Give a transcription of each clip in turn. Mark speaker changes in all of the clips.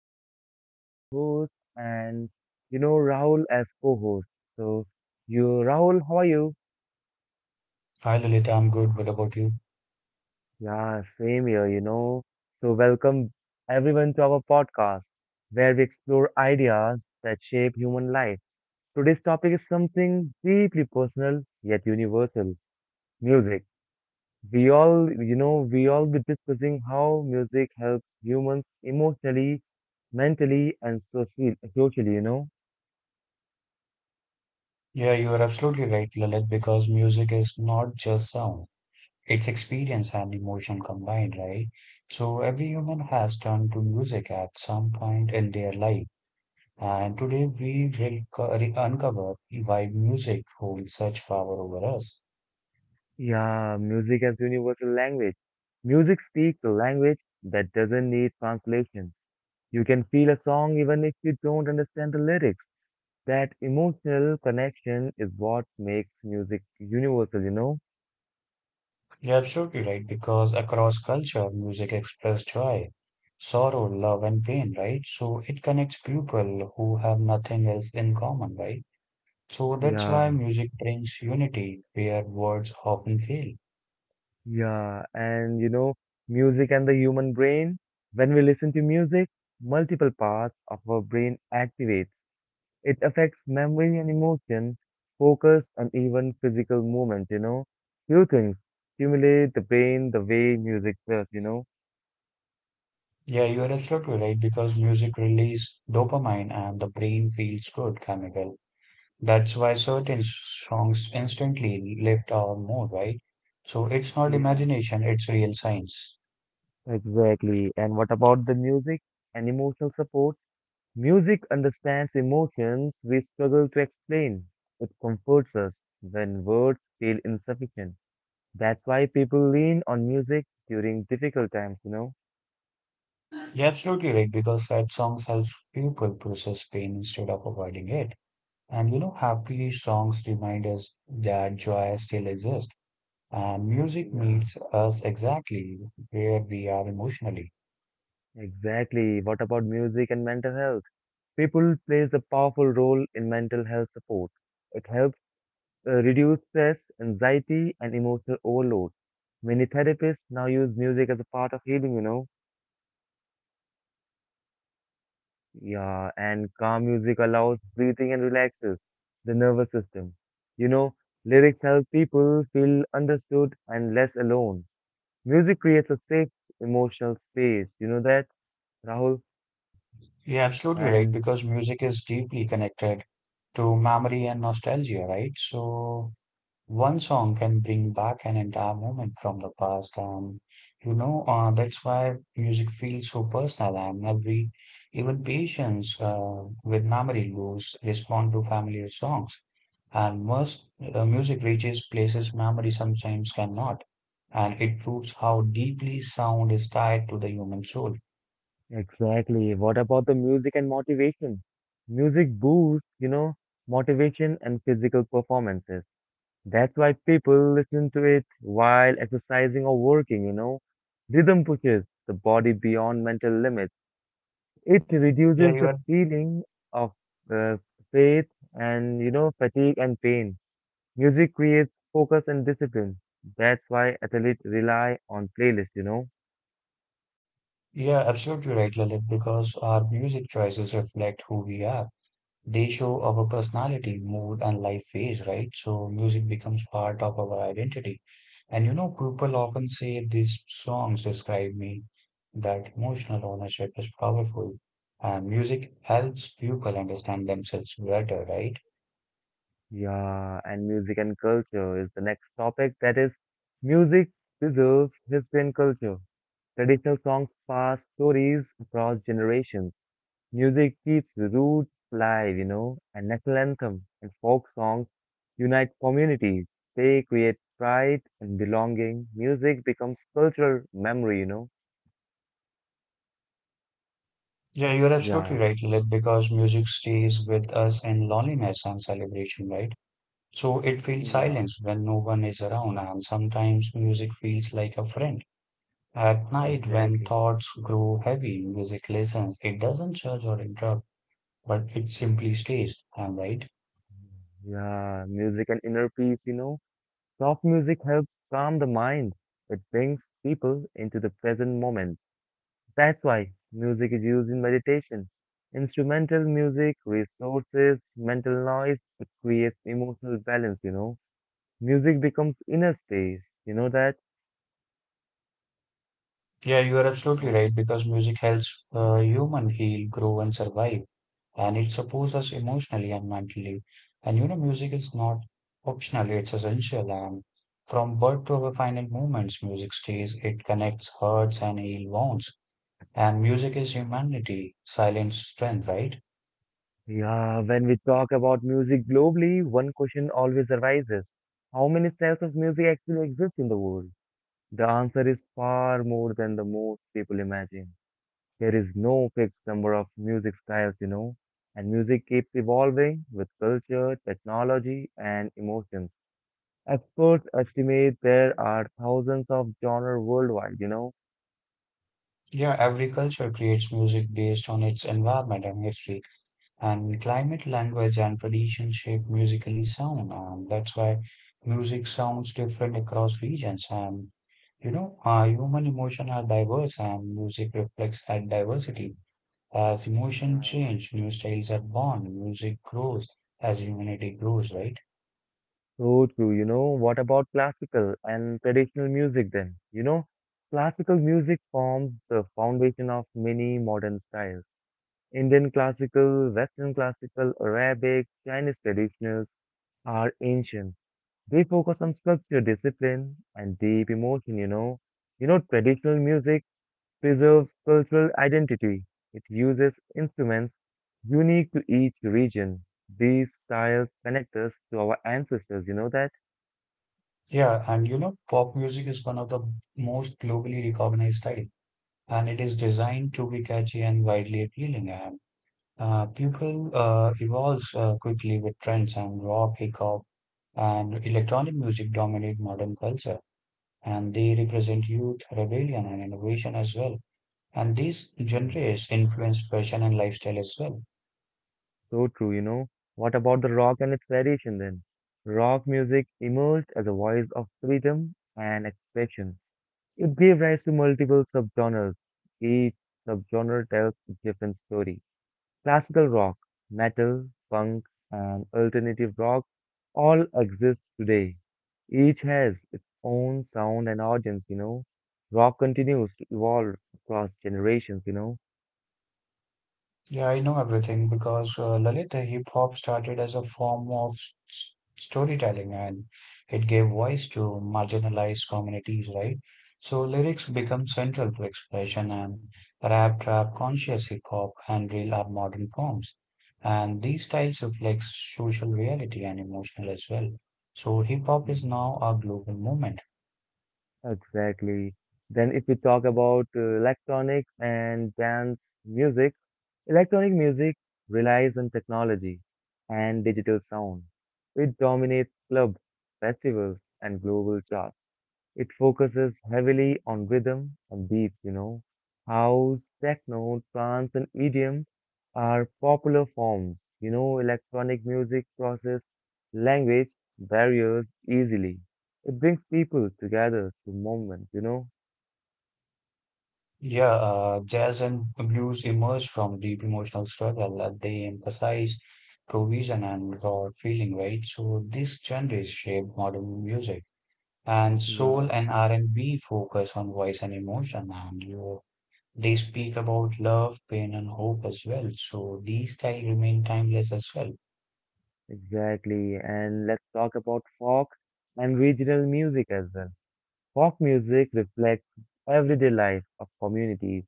Speaker 1: Lalit, your lovely host, and you know Rahul as co-host. So, you Rahul, how are you?
Speaker 2: Hi Lilith, I'm good. What about you?
Speaker 1: Yeah, same here, you know. So, welcome everyone to our podcast where we explore ideas that shape human life. Today's topic is something deeply personal yet universal, music. We all, we all be discussing how music helps humans emotionally, mentally, and socially, you know.
Speaker 2: Yeah, you are absolutely right, Lilith, because music is not just sound, it's experience and emotion combined, right? So every human has turned to music at some point in their life. And today we uncover why music holds such power over us.
Speaker 1: Yeah, music as universal language. Music speaks a language that doesn't need translation. You can feel a song even if you don't understand the lyrics. That emotional connection is what makes music universal, you know.
Speaker 2: You're absolutely right, because across culture, music expresses joy, sorrow, love, and pain, right? So it connects people who have nothing else in common, right? So that's why
Speaker 1: Yeah.
Speaker 2: music brings unity where words often fail.
Speaker 1: Yeah, and you know, music and the human brain. When we listen to music, multiple parts of our brain activates. It affects memory and emotion, focus, and even physical movement, you know. Few things stimulate the brain the way music does, you know.
Speaker 2: Yeah, you are absolutely right because music releases dopamine and the brain feels good chemical. That's why certain songs instantly lift our mood, right? So it's not
Speaker 1: Yeah,
Speaker 2: imagination, it's real science.
Speaker 1: exactly. And what about the music and emotional support? Music understands emotions we struggle to explain. It comforts us when words feel insufficient. That's why people lean on music during difficult times, you know?
Speaker 2: You're absolutely right because sad songs help people process pain instead of avoiding it. And you know, happy songs remind us that joy still exists. And music
Speaker 1: Yeah,
Speaker 2: meets us exactly where we are emotionally.
Speaker 1: exactly. What about music and mental health? People plays a powerful role in mental health support. It helps reduce stress, anxiety, and emotional overload. Many therapists now use music as a part of healing, you know? Yeah, and calm music allows breathing and relaxes the nervous system. You know, lyrics help people feel understood and less alone. Music creates a safe emotional space, you know that, Rahul?
Speaker 2: You're absolutely right,
Speaker 1: And
Speaker 2: because music is deeply connected to memory and nostalgia, right? So one song can bring back an entire moment from the past, and you know that's why music feels so personal. And every even patients with memory loss respond to familiar songs. And music reaches places memory sometimes cannot, and it proves how deeply sound is tied to the human soul.
Speaker 1: exactly, what about the music and motivation? Music boosts, you know, motivation and physical performances. That's why people listen to it while exercising or working, you know. Rhythm pushes the body beyond mental limits. It
Speaker 2: Yeah,
Speaker 1: reduces
Speaker 2: you
Speaker 1: the
Speaker 2: are
Speaker 1: feeling of uh, faith and, you know, fatigue and pain. Music creates focus and discipline. That's why athletes rely on playlists, you know.
Speaker 2: yeah, absolutely right, Lalit, because our music choices reflect who we are. They show our personality, mood, and life phase, right? So music becomes part of our identity. And you know, people often say these songs describe me, that emotional ownership is powerful. And music helps people understand themselves better, right?
Speaker 1: Yeah, and music and culture is the next topic. That is, music preserves history and culture. Traditional songs pass stories across generations. Music keeps roots alive, you know, and national anthem and folk songs unite communities. They create pride and belonging. Music becomes cultural memory, you know.
Speaker 2: Yeah, you're absolutely
Speaker 1: Yeah,
Speaker 2: right, Lib, because music stays with us in loneliness and celebration, right? So it feels
Speaker 1: yeah,
Speaker 2: silence when no one is around, and sometimes music feels like a friend. At night, when
Speaker 1: exactly.
Speaker 2: thoughts grow heavy, music listens. It doesn't judge or interrupt, but it simply stays. I'm right.
Speaker 1: Yeah, music and inner peace, you know. Soft music helps calm the mind. It brings people into the present moment. That's why music is used in meditation. Instrumental music resources mental noise. It creates emotional balance, you know. Music becomes inner space, you know that?
Speaker 2: Yeah, you are absolutely
Speaker 1: And
Speaker 2: right because music helps human heal, grow, and survive, and it supports us emotionally and mentally. And you know, music is not optional; it's essential. And from birth to our final moments, music stays. It connects hearts and heal wounds. And music is humanity, silent strength, right?
Speaker 1: yeah, when we talk about music globally, one question always arises. How many styles of music actually exist in the world? The answer is far more than the most people imagine. There is no fixed number of music styles, you know, and music keeps evolving with culture, technology, and emotions. Experts estimate there are thousands of genres worldwide, you know.
Speaker 2: Yeah, every culture creates music based on its environment and history. And climate, language, and tradition shape musically sound, and that's why music sounds different across regions. And you know, human emotion are diverse, and music reflects that diversity. As emotion
Speaker 1: Yeah.
Speaker 2: change, new styles are born. Music grows as humanity grows, right?
Speaker 1: So true, you know, what about classical and traditional music then? You know, classical music forms the foundation of many modern styles. Indian classical, Western classical, Arabic, Chinese traditionals are ancient. They focus on structure, discipline, and deep emotion, you know. You know, traditional music preserves cultural identity. It uses instruments unique to each region. These styles connect us to our ancestors, you know that?
Speaker 2: Yeah, and you know, pop music is one of the most globally recognized style, and it is designed to be catchy and widely appealing. People evolves quickly with trends and rock, hip hop, and electronic music dominate modern culture, and they represent youth, rebellion, and innovation as well. And these
Speaker 1: Mm.
Speaker 2: genres influence fashion and lifestyle as well.
Speaker 1: So true, you know. What about the rock and its variation then? Rock music emerged as a voice of freedom and expression. It gave rise to multiple subgenres. Each subgenre tells a different story. Classical rock, metal, punk, and alternative rock all exist today. Each has its own sound and audience, you know. Rock continues to evolve across generations, you know.
Speaker 2: Yeah, I know everything because Lalit, the hip hop started as a form of s- storytelling and it gave voice to marginalized communities, right? So lyrics become central to expression and rap, trap, conscious hip hop and real are modern forms. And these styles reflect social reality and emotional as well. So hip hop is
Speaker 1: Mhm.
Speaker 2: now a global movement.
Speaker 1: Exactly. Then if we talk about electronic and dance music, electronic music relies on technology and digital sound. It dominates clubs, festivals, and global charts. It focuses heavily on rhythm and beats, you know. House, techno, trance, and EDM are popular forms. You know, electronic music crosses language barriers easily, it brings people together through movement, you know?
Speaker 2: Yeah, jazz and blues emerge from deep emotional struggle. They emphasize provision and raw feeling, right? So these genres shape modern music. And
Speaker 1: Yeah,
Speaker 2: soul and R&B focus on voice and emotion, and you, they speak about love, pain, and hope as well. So these styles remain timeless as well.
Speaker 1: exactly. And let's talk about folk and regional music as well. Folk music reflects everyday life of communities.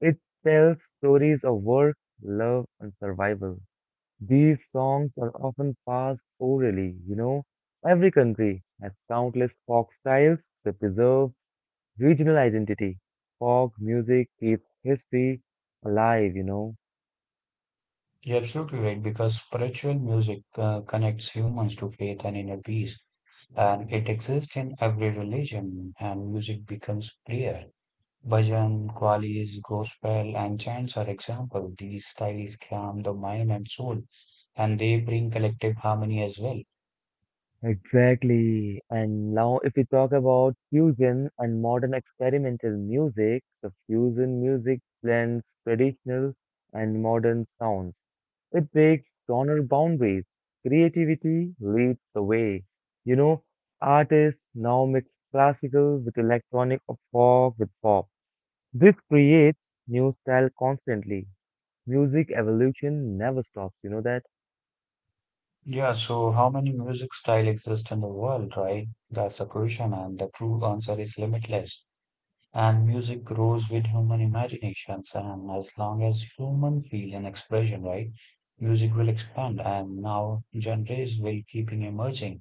Speaker 1: It tells stories of work, love, and survival. These songs are often passed orally, you know. Every country has countless folk styles that preserve regional identity. Folk music keeps history alive, you know.
Speaker 2: You're absolutely right because spiritual music connects humans to faith and inner peace, and it exists in every religion, and music becomes prayer. Bhajan, qalis, gospel, and chants are example. These styles calm the mind and soul, and they bring collective harmony as well.
Speaker 1: Exactly. And now, if we talk about fusion and modern experimental music, the fusion music blends traditional and modern sounds. It breaks genre boundaries. Creativity leads the way. You know, artists now mix classical with electronic or folk with pop. This creates new style constantly. Music evolution never stops, you know that?
Speaker 2: Yeah, so how many music style exist in the world, right? That's a question, and the true answer is limitless. And music grows with human imaginations, and as long as human feel and expression, right? Music will expand, and now genres will keep emerging,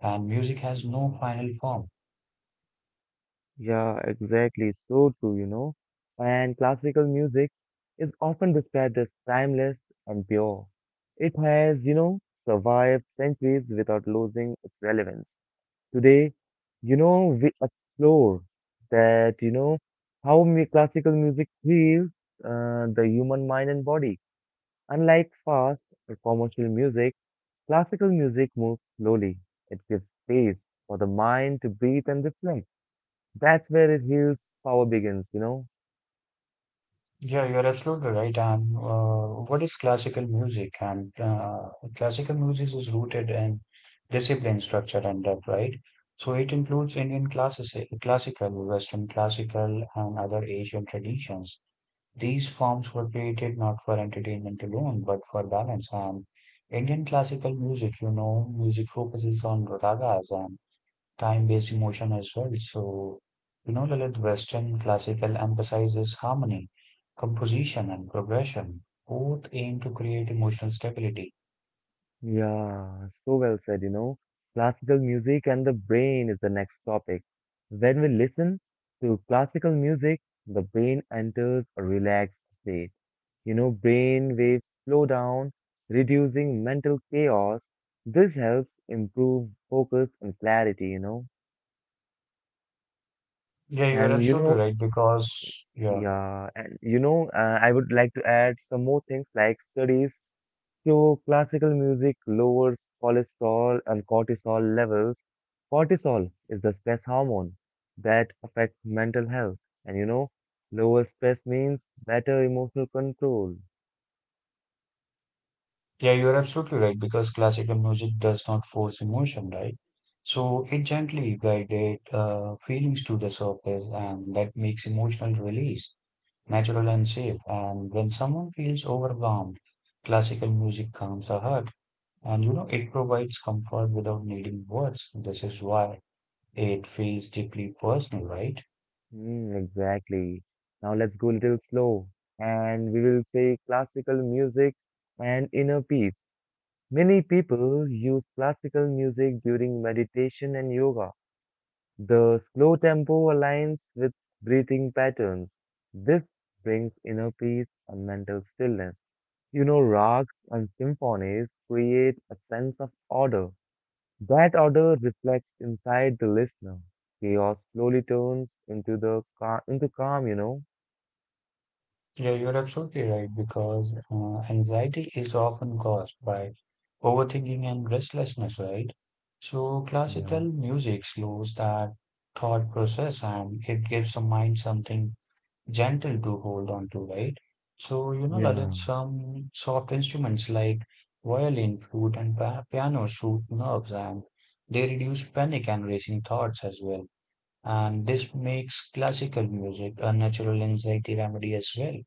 Speaker 2: and music has no
Speaker 1: Yeah.
Speaker 2: final form.
Speaker 1: Yeah, exactly. So true, you know. And classical music is often described as timeless and pure. It has, you know, survived centuries without losing its relevance. Today, you know, we explore that, you know, how classical music heals the human mind and body. Unlike fast or commercial music, classical music moves slowly. It gives space for the mind to breathe and reflect. That's where it heals power begins, you know?
Speaker 2: Yeah, you're absolutely right. And what is classical music? And Classical music is rooted in discipline, structure, and depth, right? So it includes Indian classical, Western classical, and other Asian traditions. These forms were created not for entertainment alone, but for balance. And Indian classical music, you know, music focuses on ragas and time-based emotion as well. So, you know, Lalit, Western classical emphasizes harmony, composition, and progression. Both aim to create emotional stability.
Speaker 1: Yeah, so well said, you know. Classical music and the brain is the next topic. When we listen to classical music, the brain enters a relaxed state. You know, brain waves slow down, reducing mental chaos. This helps improve focus and clarity, you know.
Speaker 2: Yeah, you are
Speaker 1: And you
Speaker 2: absolutely
Speaker 1: know,
Speaker 2: right because yeah,
Speaker 1: yeah, and you know, I would like to add some more things like studies. So classical music lowers cholesterol and cortisol levels. Cortisol is the stress hormone that affects mental health. And you know, lower stress means better emotional control.
Speaker 2: yeah, you are absolutely right because classical music does not force emotion, right? So it gently guided feelings to the surface, and that makes emotional release natural and safe. And when someone feels overwhelmed, classical music calms the heart. And you know, it provides comfort without needing words. This is why it feels deeply personal, right?
Speaker 1: Hmm, exactly. Now let's go a little slow and we will say classical music and inner peace. Many people use classical music during meditation and yoga. The slow tempo aligns with breathing patterns. This brings inner peace and mental stillness. You know, rags and symphonies create a sense of order. That order reflects inside the listener. Chaos slowly turns into the into calm. You know.
Speaker 2: Yeah, you're absolutely right, because anxiety is often caused by overthinking and restlessness, right? So, classical
Speaker 1: Yeah.
Speaker 2: music slows that thought process and it gives the mind something gentle to hold on to, right? So, you know, Lalit,
Speaker 1: Yeah.
Speaker 2: some soft instruments like violin, flute, and pa piano soothe nerves and they reduce panic and racing thoughts as well. And this makes classical music a natural anxiety remedy as well.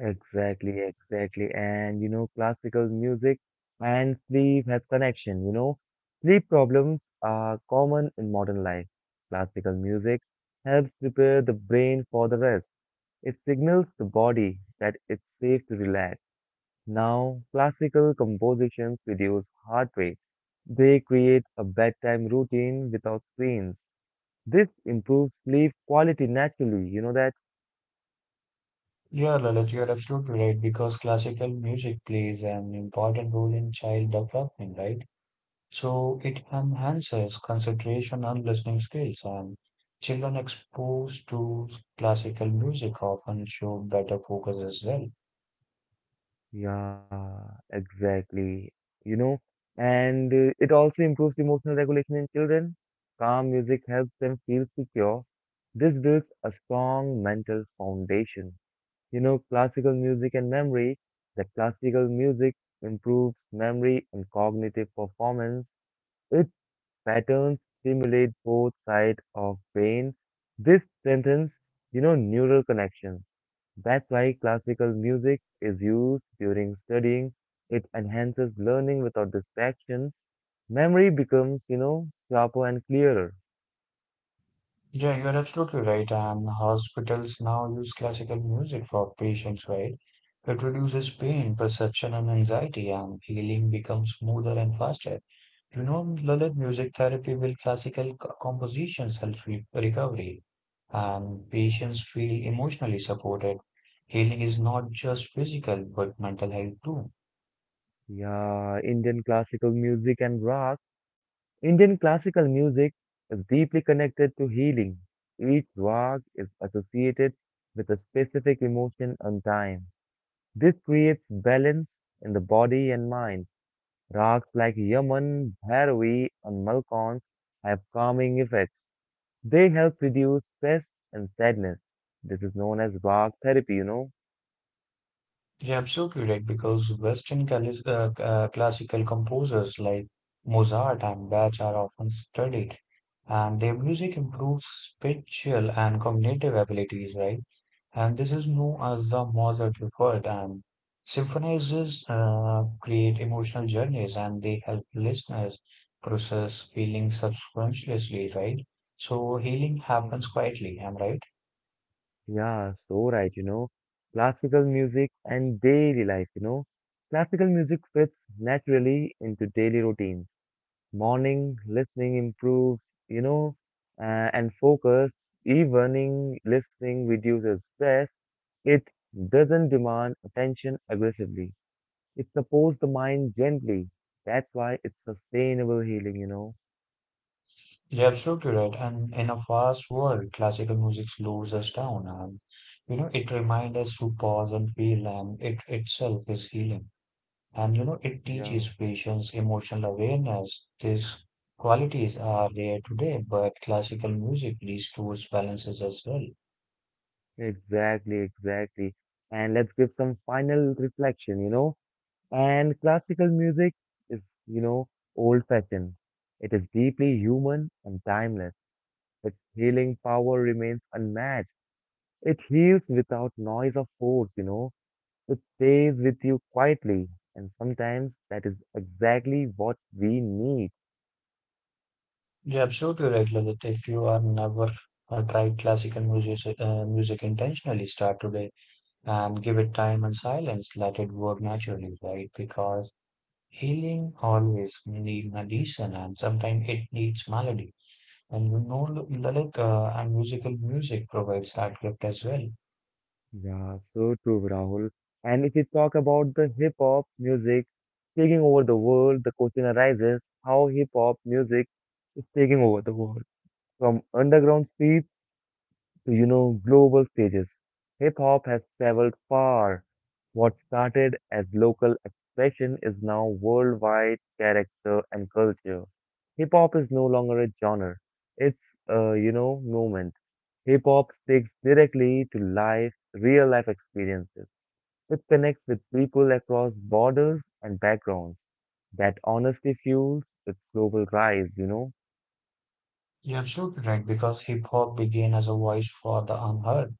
Speaker 1: Exactly, exactly. And you know, classical music and sleep has connection, you know. Sleep problems are common in modern life. Classical music helps prepare the brain for the rest. It signals the body that it's safe to relax. Now, classical compositions reduce heart rate. They create a bedtime routine without screens. This improves sleep quality naturally, you know that?
Speaker 2: Yeah, Lalit, you're absolutely right because classical music plays an important role in child development, right? So it enhances concentration and listening skills, and children exposed to classical music often show better focus as well.
Speaker 1: Yeah, exactly. You know, and it also improves emotional regulation in children. Calm music helps them feel secure. This builds a strong mental foundation. You know, classical music and memory, that classical music improves memory and cognitive performance. Its patterns stimulate both sides of brain. This strengthens, you know, neural connections. That's why classical music is used during studying. It enhances learning without distraction. Memory becomes, you know, sharper and clearer.
Speaker 2: Yeah, you are absolutely right. And hospitals now use classical music for patients, right? It reduces pain, perception, and anxiety, and healing becomes smoother and faster. You know, Lalit, music therapy with classical compositions helps with recovery, and patients
Speaker 1: Wow.
Speaker 2: feel emotionally supported. Healing is not just physical, but mental health too.
Speaker 1: Yeah, Indian classical music and rock. Indian classical music is deeply connected to healing. Each rock is associated with a specific emotion and time. This creates balance in the body and mind. Rags like Yaman, Bhairavi, and Malkans have calming effects. They help reduce stress and sadness. This is known as Bach therapy, you know.
Speaker 2: You're absolutely right, because Western classical composers like Mozart and Bach are often studied, and their music improves spatial and cognitive abilities, right? And this is known as the Mozart effect. And symphonizers create emotional journeys, and they help listeners process feelings subconsciously, right? So healing
Speaker 1: Yeah.
Speaker 2: happens quietly, am I right?
Speaker 1: Yeah, so right, you know. Classical music and daily life, you know. Classical music fits naturally into daily routines. Morning listening improves, you know, and focus. Evening listening reduces stress. It doesn't demand attention aggressively. It supports the mind gently. That's why it's sustainable healing, you know.
Speaker 2: You're absolutely right. And in a fast world, classical music slows us down and you know it reminds us to pause and feel and it itself is healing. And you know it
Speaker 1: Yeah.
Speaker 2: teaches patience, emotional awareness. These qualities are rare today, but classical music restores balances as well.
Speaker 1: Exactly, exactly. And let's give some final reflection, you know. And classical music is, you know, old-fashioned. It is deeply human and timeless. Its healing power remains unmatched. It heals without noise or force, you know. It stays with you quietly. And sometimes that is exactly what we need.
Speaker 2: You're absolutely right, Lalit. If you are never uh, tried classical music intentionally, start today and give it time and silence. Let it work naturally, right? Because healing always needs addition and sometimes it needs melody. And you know, Lalita and musical music provides that gift as well.
Speaker 1: Yeah, so true, Rahul. And if we talk about the hip hop music taking over the world, the question arises how hip hop music is taking over the world. From underground streets to, you know, global stages. Hip hop has traveled far. What started as local expression is now worldwide character and culture. Hip hop is no longer a genre. It's a, you know, movement. Hip hop speaks directly to life, real life experiences. It connects with people across borders and backgrounds. That honestly fuels its global rise, you know?
Speaker 2: You're absolutely right because hip hop began as a voice for the unheard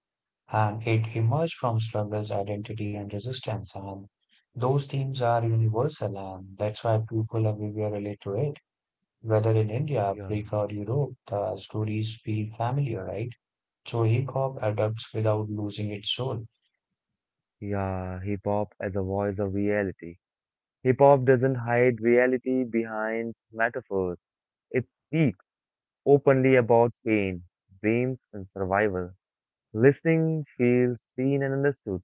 Speaker 2: and it emerged from struggles, identity, and resistance. And those themes are universal and that's why people everywhere relate to it. Whether in India,
Speaker 1: Yeah,
Speaker 2: Africa, or Europe, the stories feel familiar, right? So hip hop adapts without losing its soul.
Speaker 1: yeah, hip hop as a voice of reality. Hip hop doesn't hide reality behind metaphors. It speaks openly about pain, dreams, and survival. Listening feels seen and understood.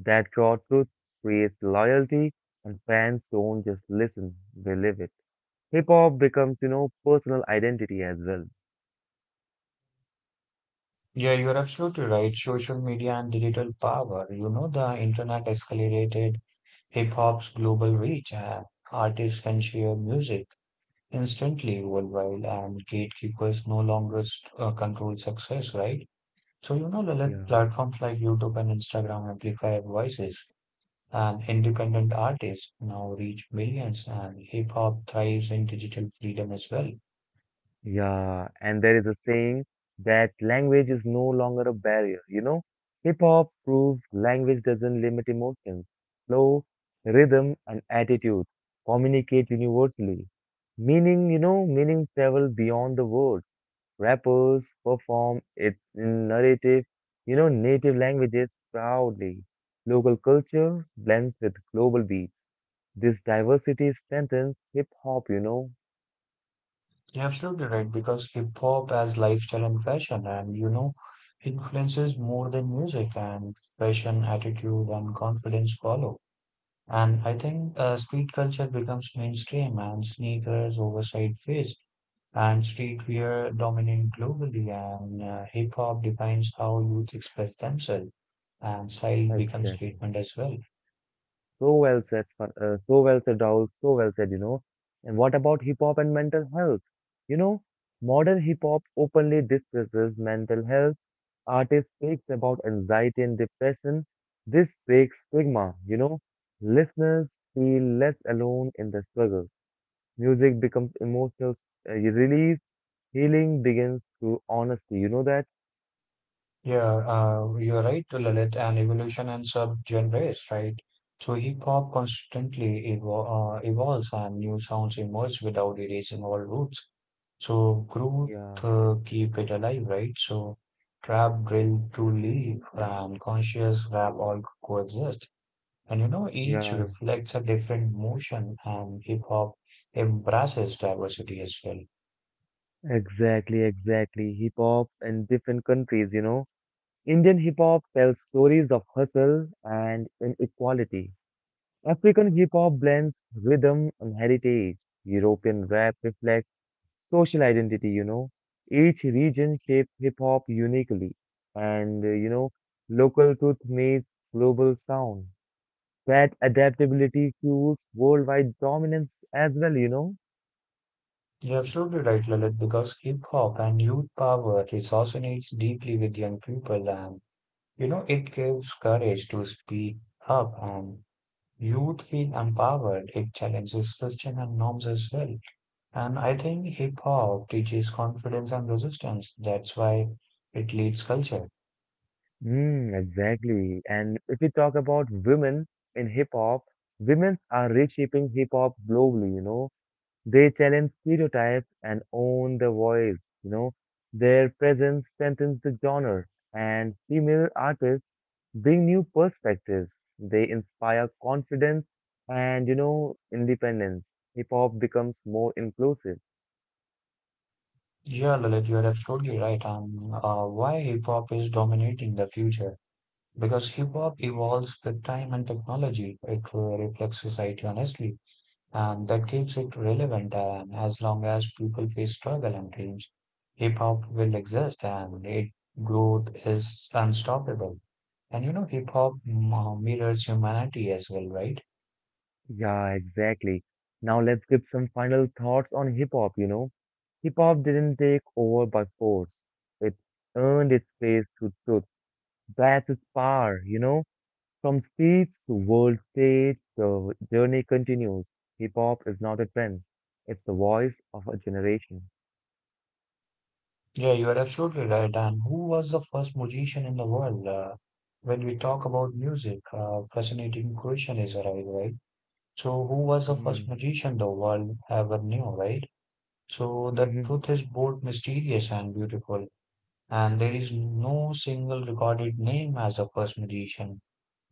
Speaker 1: That raw truth creates loyalty, and fans don't just listen, they live it. Hip hop becomes, you know, personal identity as well.
Speaker 2: Yeah, you're absolutely right. Social media and digital power. You know, the internet accelerated hip hop's global reach, and artists can share music instantly worldwide, and gatekeepers no longer control success, right? So, you know, Lalit,
Speaker 1: Yeah.
Speaker 2: platforms like YouTube and Instagram amplify voices, and independent artists now reach millions, and hip hop thrives in digital freedom as well.
Speaker 1: Yeah, and there is a saying that language is no longer a barrier, you know? Hip hop proves language doesn't limit emotions. Flow, rhythm, and attitude communicate universally. Meaning travel beyond the words. Rappers perform it in narrative, you know, native languages proudly. Local culture blends with global beats. This diversity strengthens hip hop, you know?
Speaker 2: You're absolutely right because hip hop as lifestyle and fashion and you know influences more than music and fashion attitude and confidence follow. And I think street culture becomes mainstream and sneakers, oversized fits, and streetwear dominate globally. And hip hop defines how youth express themselves, and style becomes
Speaker 1: Exactly.
Speaker 2: statement as well.
Speaker 1: So well said, so well said, Rahul. So well said, you know. And what about hip hop and mental health? You know, Modern hip hop openly discusses mental health. Artists speaks about anxiety and depression. This breaks stigma. Listeners feel less alone in the struggle. Music becomes emotional release. Healing begins through honesty. You know that?
Speaker 2: Yeah, you're right, Lalit, and evolution and subgenres, right? So hip hop constantly evolves and new sounds emerge without erasing all roots. So growth
Speaker 1: Yeah,
Speaker 2: keep it alive, right? So trap, drill, to leave, and conscious rap all coexist. And you know, each
Speaker 1: yeah,
Speaker 2: reflects a different motion, and hip hop embraces diversity as well.
Speaker 1: exactly, exactly. Hip hop in different countries. Indian hip hop tells stories of hustle and inequality. African hip hop blends rhythm and heritage. European rap reflects social identity. Each region shapes hip hop uniquely. And, local truth meets global sound. That adaptability fuels worldwide dominance as well.
Speaker 2: You're absolutely right, Lalit, because hip hop and youth power resonates deeply with young people, and you know it gives courage to speak up, and youth feel empowered. It challenges system and norms as well, and I think hip hop teaches confidence and resistance. That's why it leads culture.
Speaker 1: Mm, exactly. And if we talk about women in hip hop, women are reshaping hip hop globally. They challenge stereotypes and own the voice, you know. Their presence strengthens the genre, and female artists bring new perspectives. They inspire confidence and independence. Hip hop becomes more inclusive.
Speaker 2: Yeah, Lalit, you're absolutely right. And why hip hop is dominating the future? Because hip hop evolves with time and technology. It reflects society honestly and that keeps it relevant. And as long as people face struggle and change, hip hop will exist and its growth is unstoppable. And you know, hip hop mirrors humanity as well, right?
Speaker 1: Yeah, exactly. Now let's give some final thoughts on hip hop. Hip hop didn't take over by force. It earned its place through truth. That's its power. From stage to world stage, the journey continues. Hip hop is not a trend, it's the voice of a generation.
Speaker 2: Yeah, you are absolutely right. And who was the first musician in the world? When we talk about music, fascinating question is arrived, right? So, who was the first
Speaker 1: Mm.
Speaker 2: magician the world ever knew, right? So, the truth is both mysterious and beautiful. And there is no single recorded name as the first musician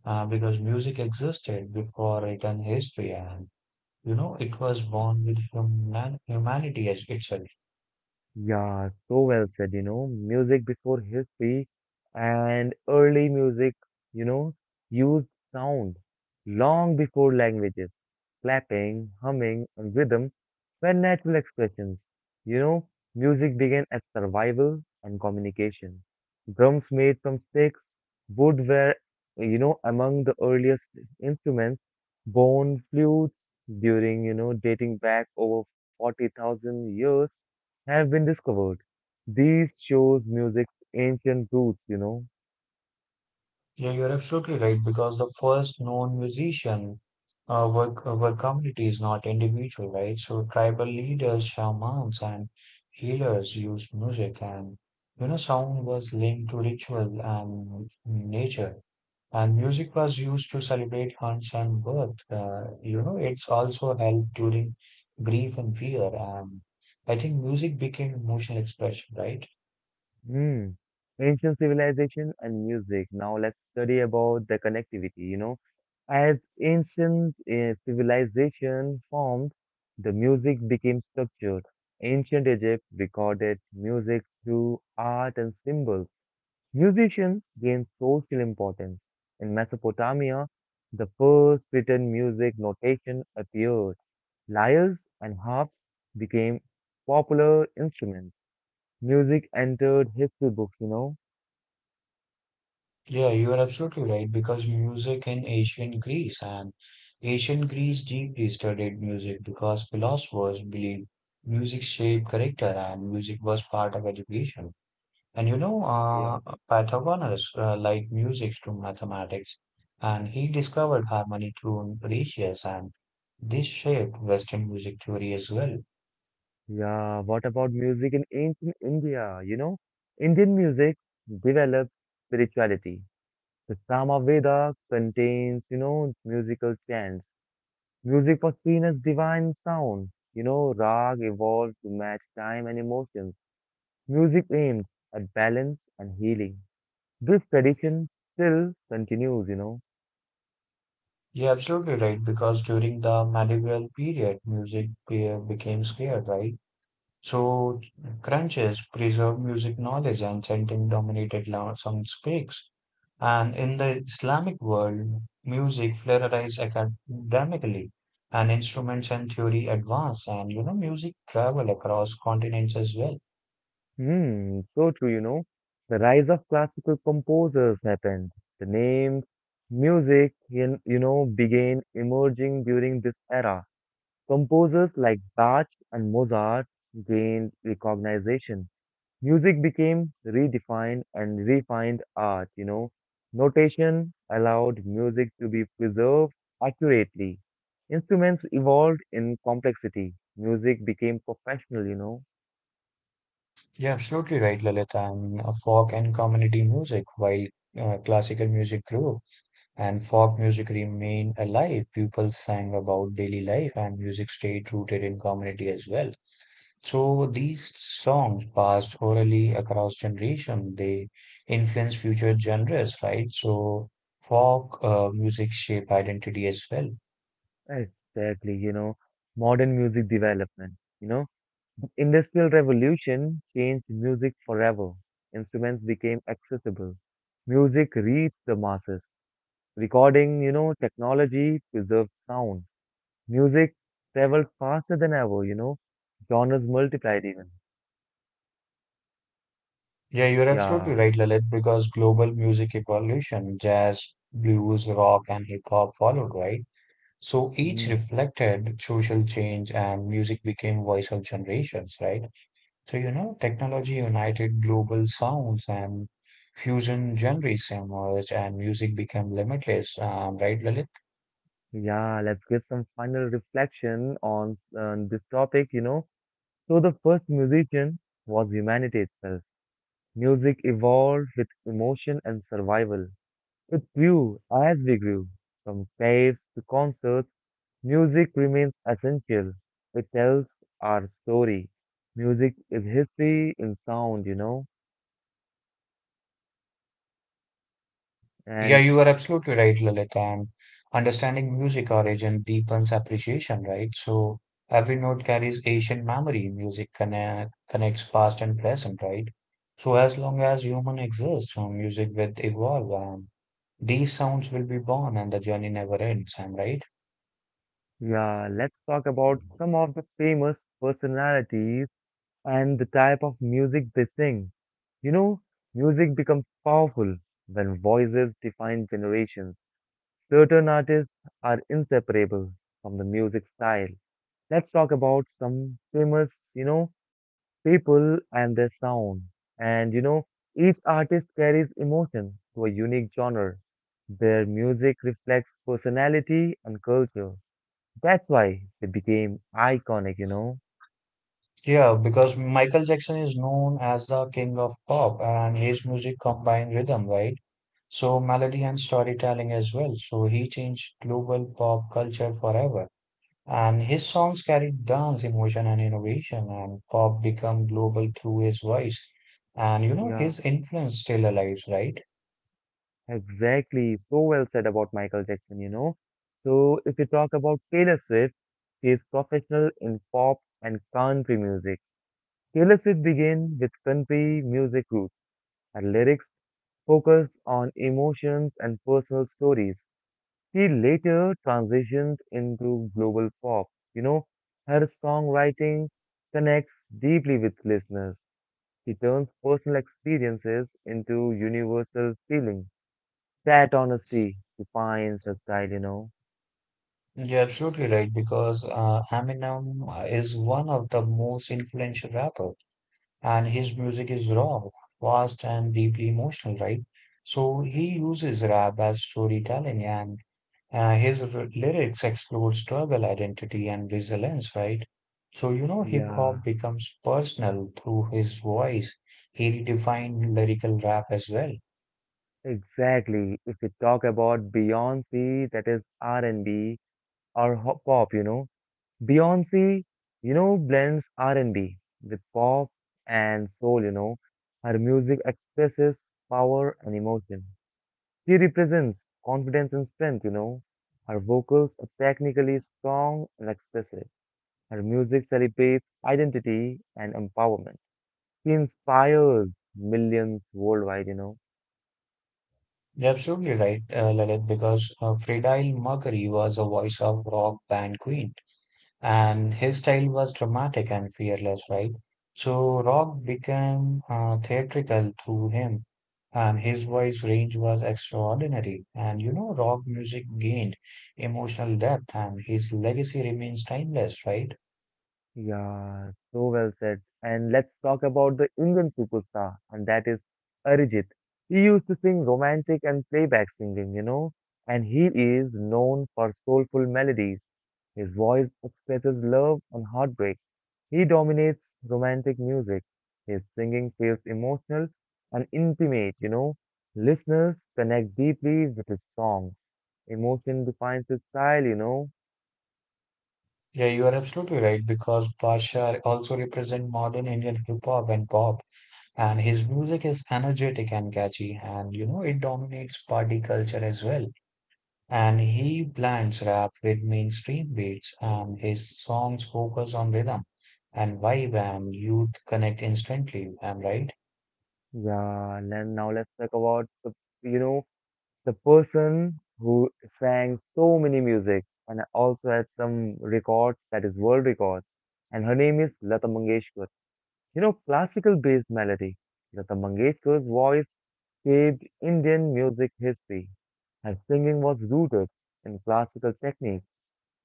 Speaker 2: because music existed before written history and you know it was born with human humanity as itself.
Speaker 1: Yeah, so well said. Music before history and early music, you know, used sound long before languages. Clapping, humming, and rhythm were natural expressions. You know, Music began as survival and communication. Drums made from sticks, wood were among the earliest instruments. Bone flutes dating back over 40,000 years have been discovered. These shows music's ancient roots.
Speaker 2: Yeah, you're absolutely right, because the first known musician uh, were, were communities not individual, right? So tribal leaders, shamans, and healers used music and you know sound was linked to ritual and nature. And music was used to celebrate Hunt's and birth. You know, it's also helped during grief and fear. And I think music became emotional expression, right?
Speaker 1: Hmm. Ancient civilization and music. Now let's study about the connectivity. As ancient civilization formed, the music became structured. Ancient Egypt recorded music through art and symbols. Musicians gained social importance. In Mesopotamia, the first written music notation appeared. Lyres and harps became popular instruments. Music entered history books.
Speaker 2: Yeah, you are absolutely right. Because music in ancient Greece and ancient Greece deeply studied music because philosophers believed music shaped character and music was part of education. And you know,
Speaker 1: Yeah.
Speaker 2: Pythagoras liked music to mathematics, and he discovered harmony through ratios, and this shaped Western music theory as well.
Speaker 1: Yeah, what about music in ancient India? Indian music developed spirituality. The Sama Veda contains musical chants. Music was seen as divine sound. Rag evolved to match time and emotions. Music aimed at balance and healing. This tradition still continues.
Speaker 2: You're absolutely right, because during the medieval period, became scarce, right? So crunches, preserve music knowledge, and chanting dominated some speaks. And in the Islamic world, music flourished academically, and instruments and theory advanced, and you know, music travel across continents as well.
Speaker 1: Hmm, so true. The rise of classical composers happened. The names, music, began emerging during this era. Composers like Bach and Mozart gained recognition. Music became redefined and refined art. Notation allowed music to be preserved accurately. Instruments evolved in complexity. Music became professional.
Speaker 2: Yeah, absolutely right, Lalit. And folk and community music, while classical music grew and folk music remained alive, people sang about daily life, and music stayed rooted in community as well. So these songs passed orally across generation. They influence future genres, right? So folk music shape identity as well.
Speaker 1: Exactly. Modern music development, you know. Industrial revolution changed music forever. Instruments became accessible. Music reached the masses. Recording technology preserved sound. Music traveled faster than ever. Genres multiplied even.
Speaker 2: Yeah, you're absolutely
Speaker 1: Yeah.
Speaker 2: right, Lalit, because global music evolution, jazz, blues, rock, and hip hop followed, right? So each
Speaker 1: Mm.
Speaker 2: reflected social change and music became voice of generations, right? So, you know, technology united global sounds and fusion genres emerged and music became limitless. Right, Lalit?
Speaker 1: Yeah, let's give some final reflection on this topic. So the first musician was humanity itself. Music evolved with emotion and survival. It grew as we grew. From caves to concerts, music remains essential. It tells our story. Music is history in sound.
Speaker 2: Yeah,
Speaker 1: And
Speaker 2: you are absolutely right, Lalit. And understanding music origin deepens appreciation, right? So every note carries ancient memory. Connects past and present, right? So as long as human exists, music will evolve and these sounds will be born and the journey never ends, am I right?
Speaker 1: Yeah, let's talk about some of the famous personalities and the type of music they sing. You know, Music becomes powerful when voices define generations. Certain artists are inseparable from the music style. Let's talk about some famous, you know, people and their sound. And each artist carries emotion to a unique genre. Their music reflects personality and culture. That's why they became iconic.
Speaker 2: Yeah, because Michael Jackson is known as the king of pop and his music combined rhythm, right? So melody and storytelling as well. So he changed global pop culture forever. And his songs carried dance, emotion, and innovation, and pop become global through his voice. And you know,
Speaker 1: Yeah,
Speaker 2: his influence still alive, right?
Speaker 1: exactly. So well said about Michael Jackson. So if you talk about Taylor Swift, she is professional in pop and country music. Taylor Swift began with country music roots. Her lyrics focused on emotions and personal stories. She later transitioned into global pop. You know, Her songwriting connects deeply with listeners. He turns personal experiences into universal feelings. That honesty defines her style.
Speaker 2: You're absolutely right, because Eminem is one of the most influential rappers. And his music is raw, fast, and deeply emotional, right? So he uses rap as storytelling, and lyrics explore struggle, identity, and resilience, right? So, you know, hip
Speaker 1: Yeah,
Speaker 2: hop becomes personal through his voice. He redefined lyrical rap as well.
Speaker 1: exactly. If we talk about Beyoncé, that is R&B or pop. Beyoncé blends R&B with pop and soul. Her music expresses power and emotion. She represents confidence and strength. Her vocals are technically strong and expressive. Her music celebrates identity and empowerment. She inspires millions worldwide.
Speaker 2: You're absolutely right, Lalit, because Freddie Mercury was a voice of rock band Queen. And his style was dramatic and fearless, right? So rock became theatrical through him, and his voice range was extraordinary. And you know, rock music gained emotional depth, and his legacy remains timeless, right?
Speaker 1: Yeah, so well said. And let's talk about the Indian superstar, and that is Arijit. He used to sing romantic and playback singing and he is known for soulful melodies. His voice expresses love and heartbreak. He dominates romantic music. His singing feels emotional and intimate. Listeners connect deeply with his songs. Emotion defines his style.
Speaker 2: Yeah, you are absolutely right because Pasha also represent modern Indian hip hop and pop, and his music is energetic and catchy, and you know, it dominates party culture as well. And he blends rap with mainstream beats, and his songs focus on rhythm and vibe, and youth connect instantly. I'm right.
Speaker 1: Yeah, then now let's talk about you know, the person who sang so many musics and also had some records that is world records. And her name is Lata Mangeshkar. Classical based melody. Lata Mangeshkar's voice shaped Indian music history. Her singing was rooted in classical technique.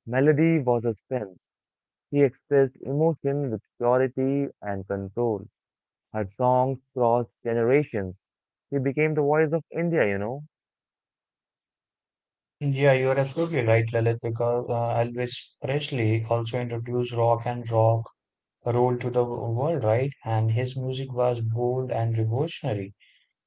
Speaker 1: Melody was her strength. She expressed emotion with purity and control. Her songs crossed generations. She became the voice of India.
Speaker 2: Yeah, you're absolutely right, Lalit, because Elvis Presley also introduced rock and rock roll to the world, right? And his music was bold and revolutionary.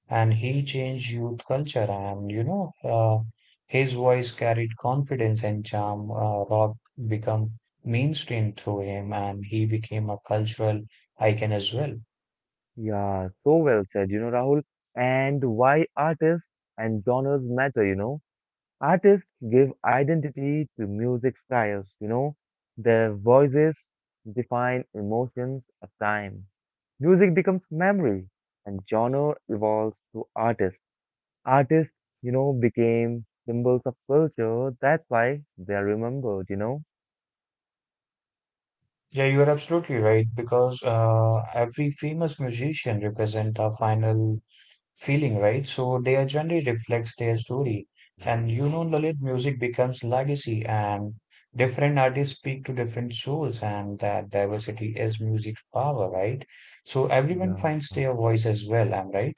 Speaker 2: And he changed youth culture. And you know, his voice carried confidence and charm. Rock become mainstream through him, and he became a cultural icon as well.
Speaker 1: Yeah, so well said, Rahul. And why artists and genres matter. Artists give identity to music styles. Their voices define emotions of time. Music becomes memory, and genre evolves to artists. Artists became symbols of culture. That's why they are remembered.
Speaker 2: Yeah, you are absolutely right because every famous musician represent a final feeling, right? So their genre reflects their story. And you know, Lalit, music becomes legacy and different artists speak to different souls and that diversity is music's power, right? So everyone
Speaker 1: Yeah.
Speaker 2: finds their voice as well, am I right?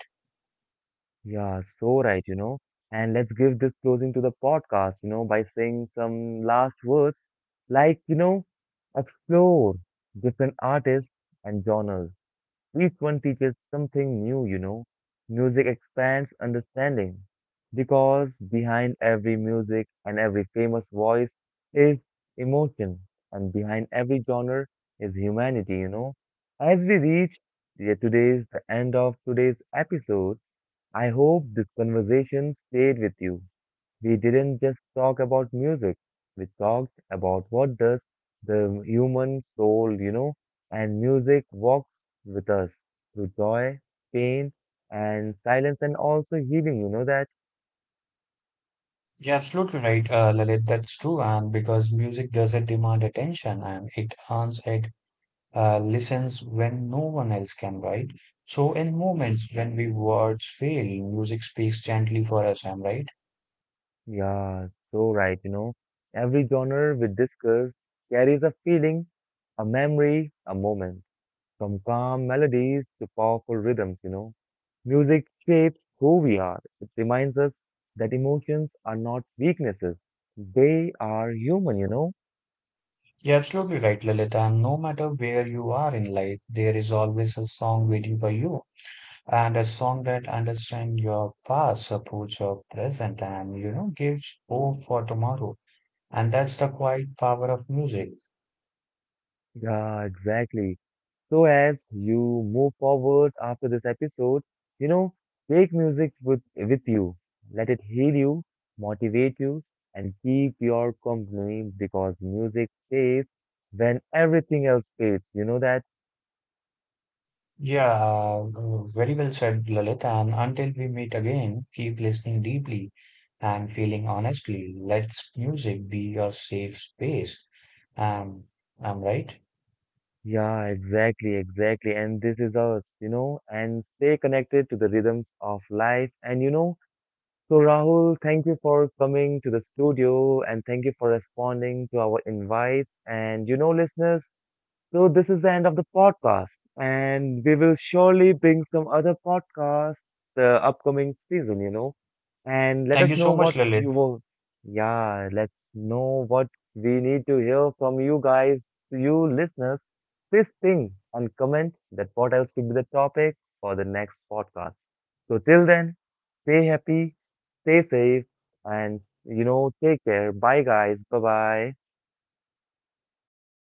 Speaker 1: Yeah, so right. And let's give this closing to the podcast by saying some last words like, explore different artists and genres. Each one teaches something new. Music expands understanding because behind every music and every famous voice is emotion, and behind every genre is humanity. As we reach, yeah, today's the end of today's episode, I hope this conversation stayed with you. We didn't just talk about music, we talked about what does the human soul, and music walks with us through joy, pain, and silence, and also healing, you know that?
Speaker 2: Yeah, absolutely right, Lalit. That's true. And because music doesn't demand attention and it earns it, listens when no one else can, right? So in moments when we words fail, music speaks gently for us, am I right?
Speaker 1: Yeah, so right. Every genre we discuss carries a feeling, a memory, a moment, from calm melodies to powerful rhythms. Music shapes who we are. It reminds us that emotions are not weaknesses. They are human, you know?
Speaker 2: You're absolutely right, Lilith. And no matter where you are in life, there is always a song waiting for you, and a song that understands your past, supports your present, and you know gives hope for tomorrow. And that's the quiet power of music.
Speaker 1: Yeah, exactly. So as you move forward after this episode, you know, take music with you. Let it heal you, motivate you, and keep your company because music stays when everything else fades. You know that?
Speaker 2: Yeah, very well said, Lilith. And until we meet again, keep listening deeply and feeling honestly. Let's music be your safe space. Um, I'm right.
Speaker 1: Yeah, exactly, exactly. And this is us and stay connected to the rhythms of life. So Rahul, thank you for coming to the studio and thank you for responding to our invites. Listeners, so this is the end of the podcast and we will surely bring some other podcasts the upcoming season and let
Speaker 2: Thank
Speaker 1: us
Speaker 2: you
Speaker 1: know
Speaker 2: so much,
Speaker 1: what
Speaker 2: Lilith.
Speaker 1: you will. Yeah, let's know what we need to hear from you guys, you listeners. Please ping and comment that what else could be the topic for the next podcast. So till then, stay happy, stay safe, and take care. Bye guys. Bye bye.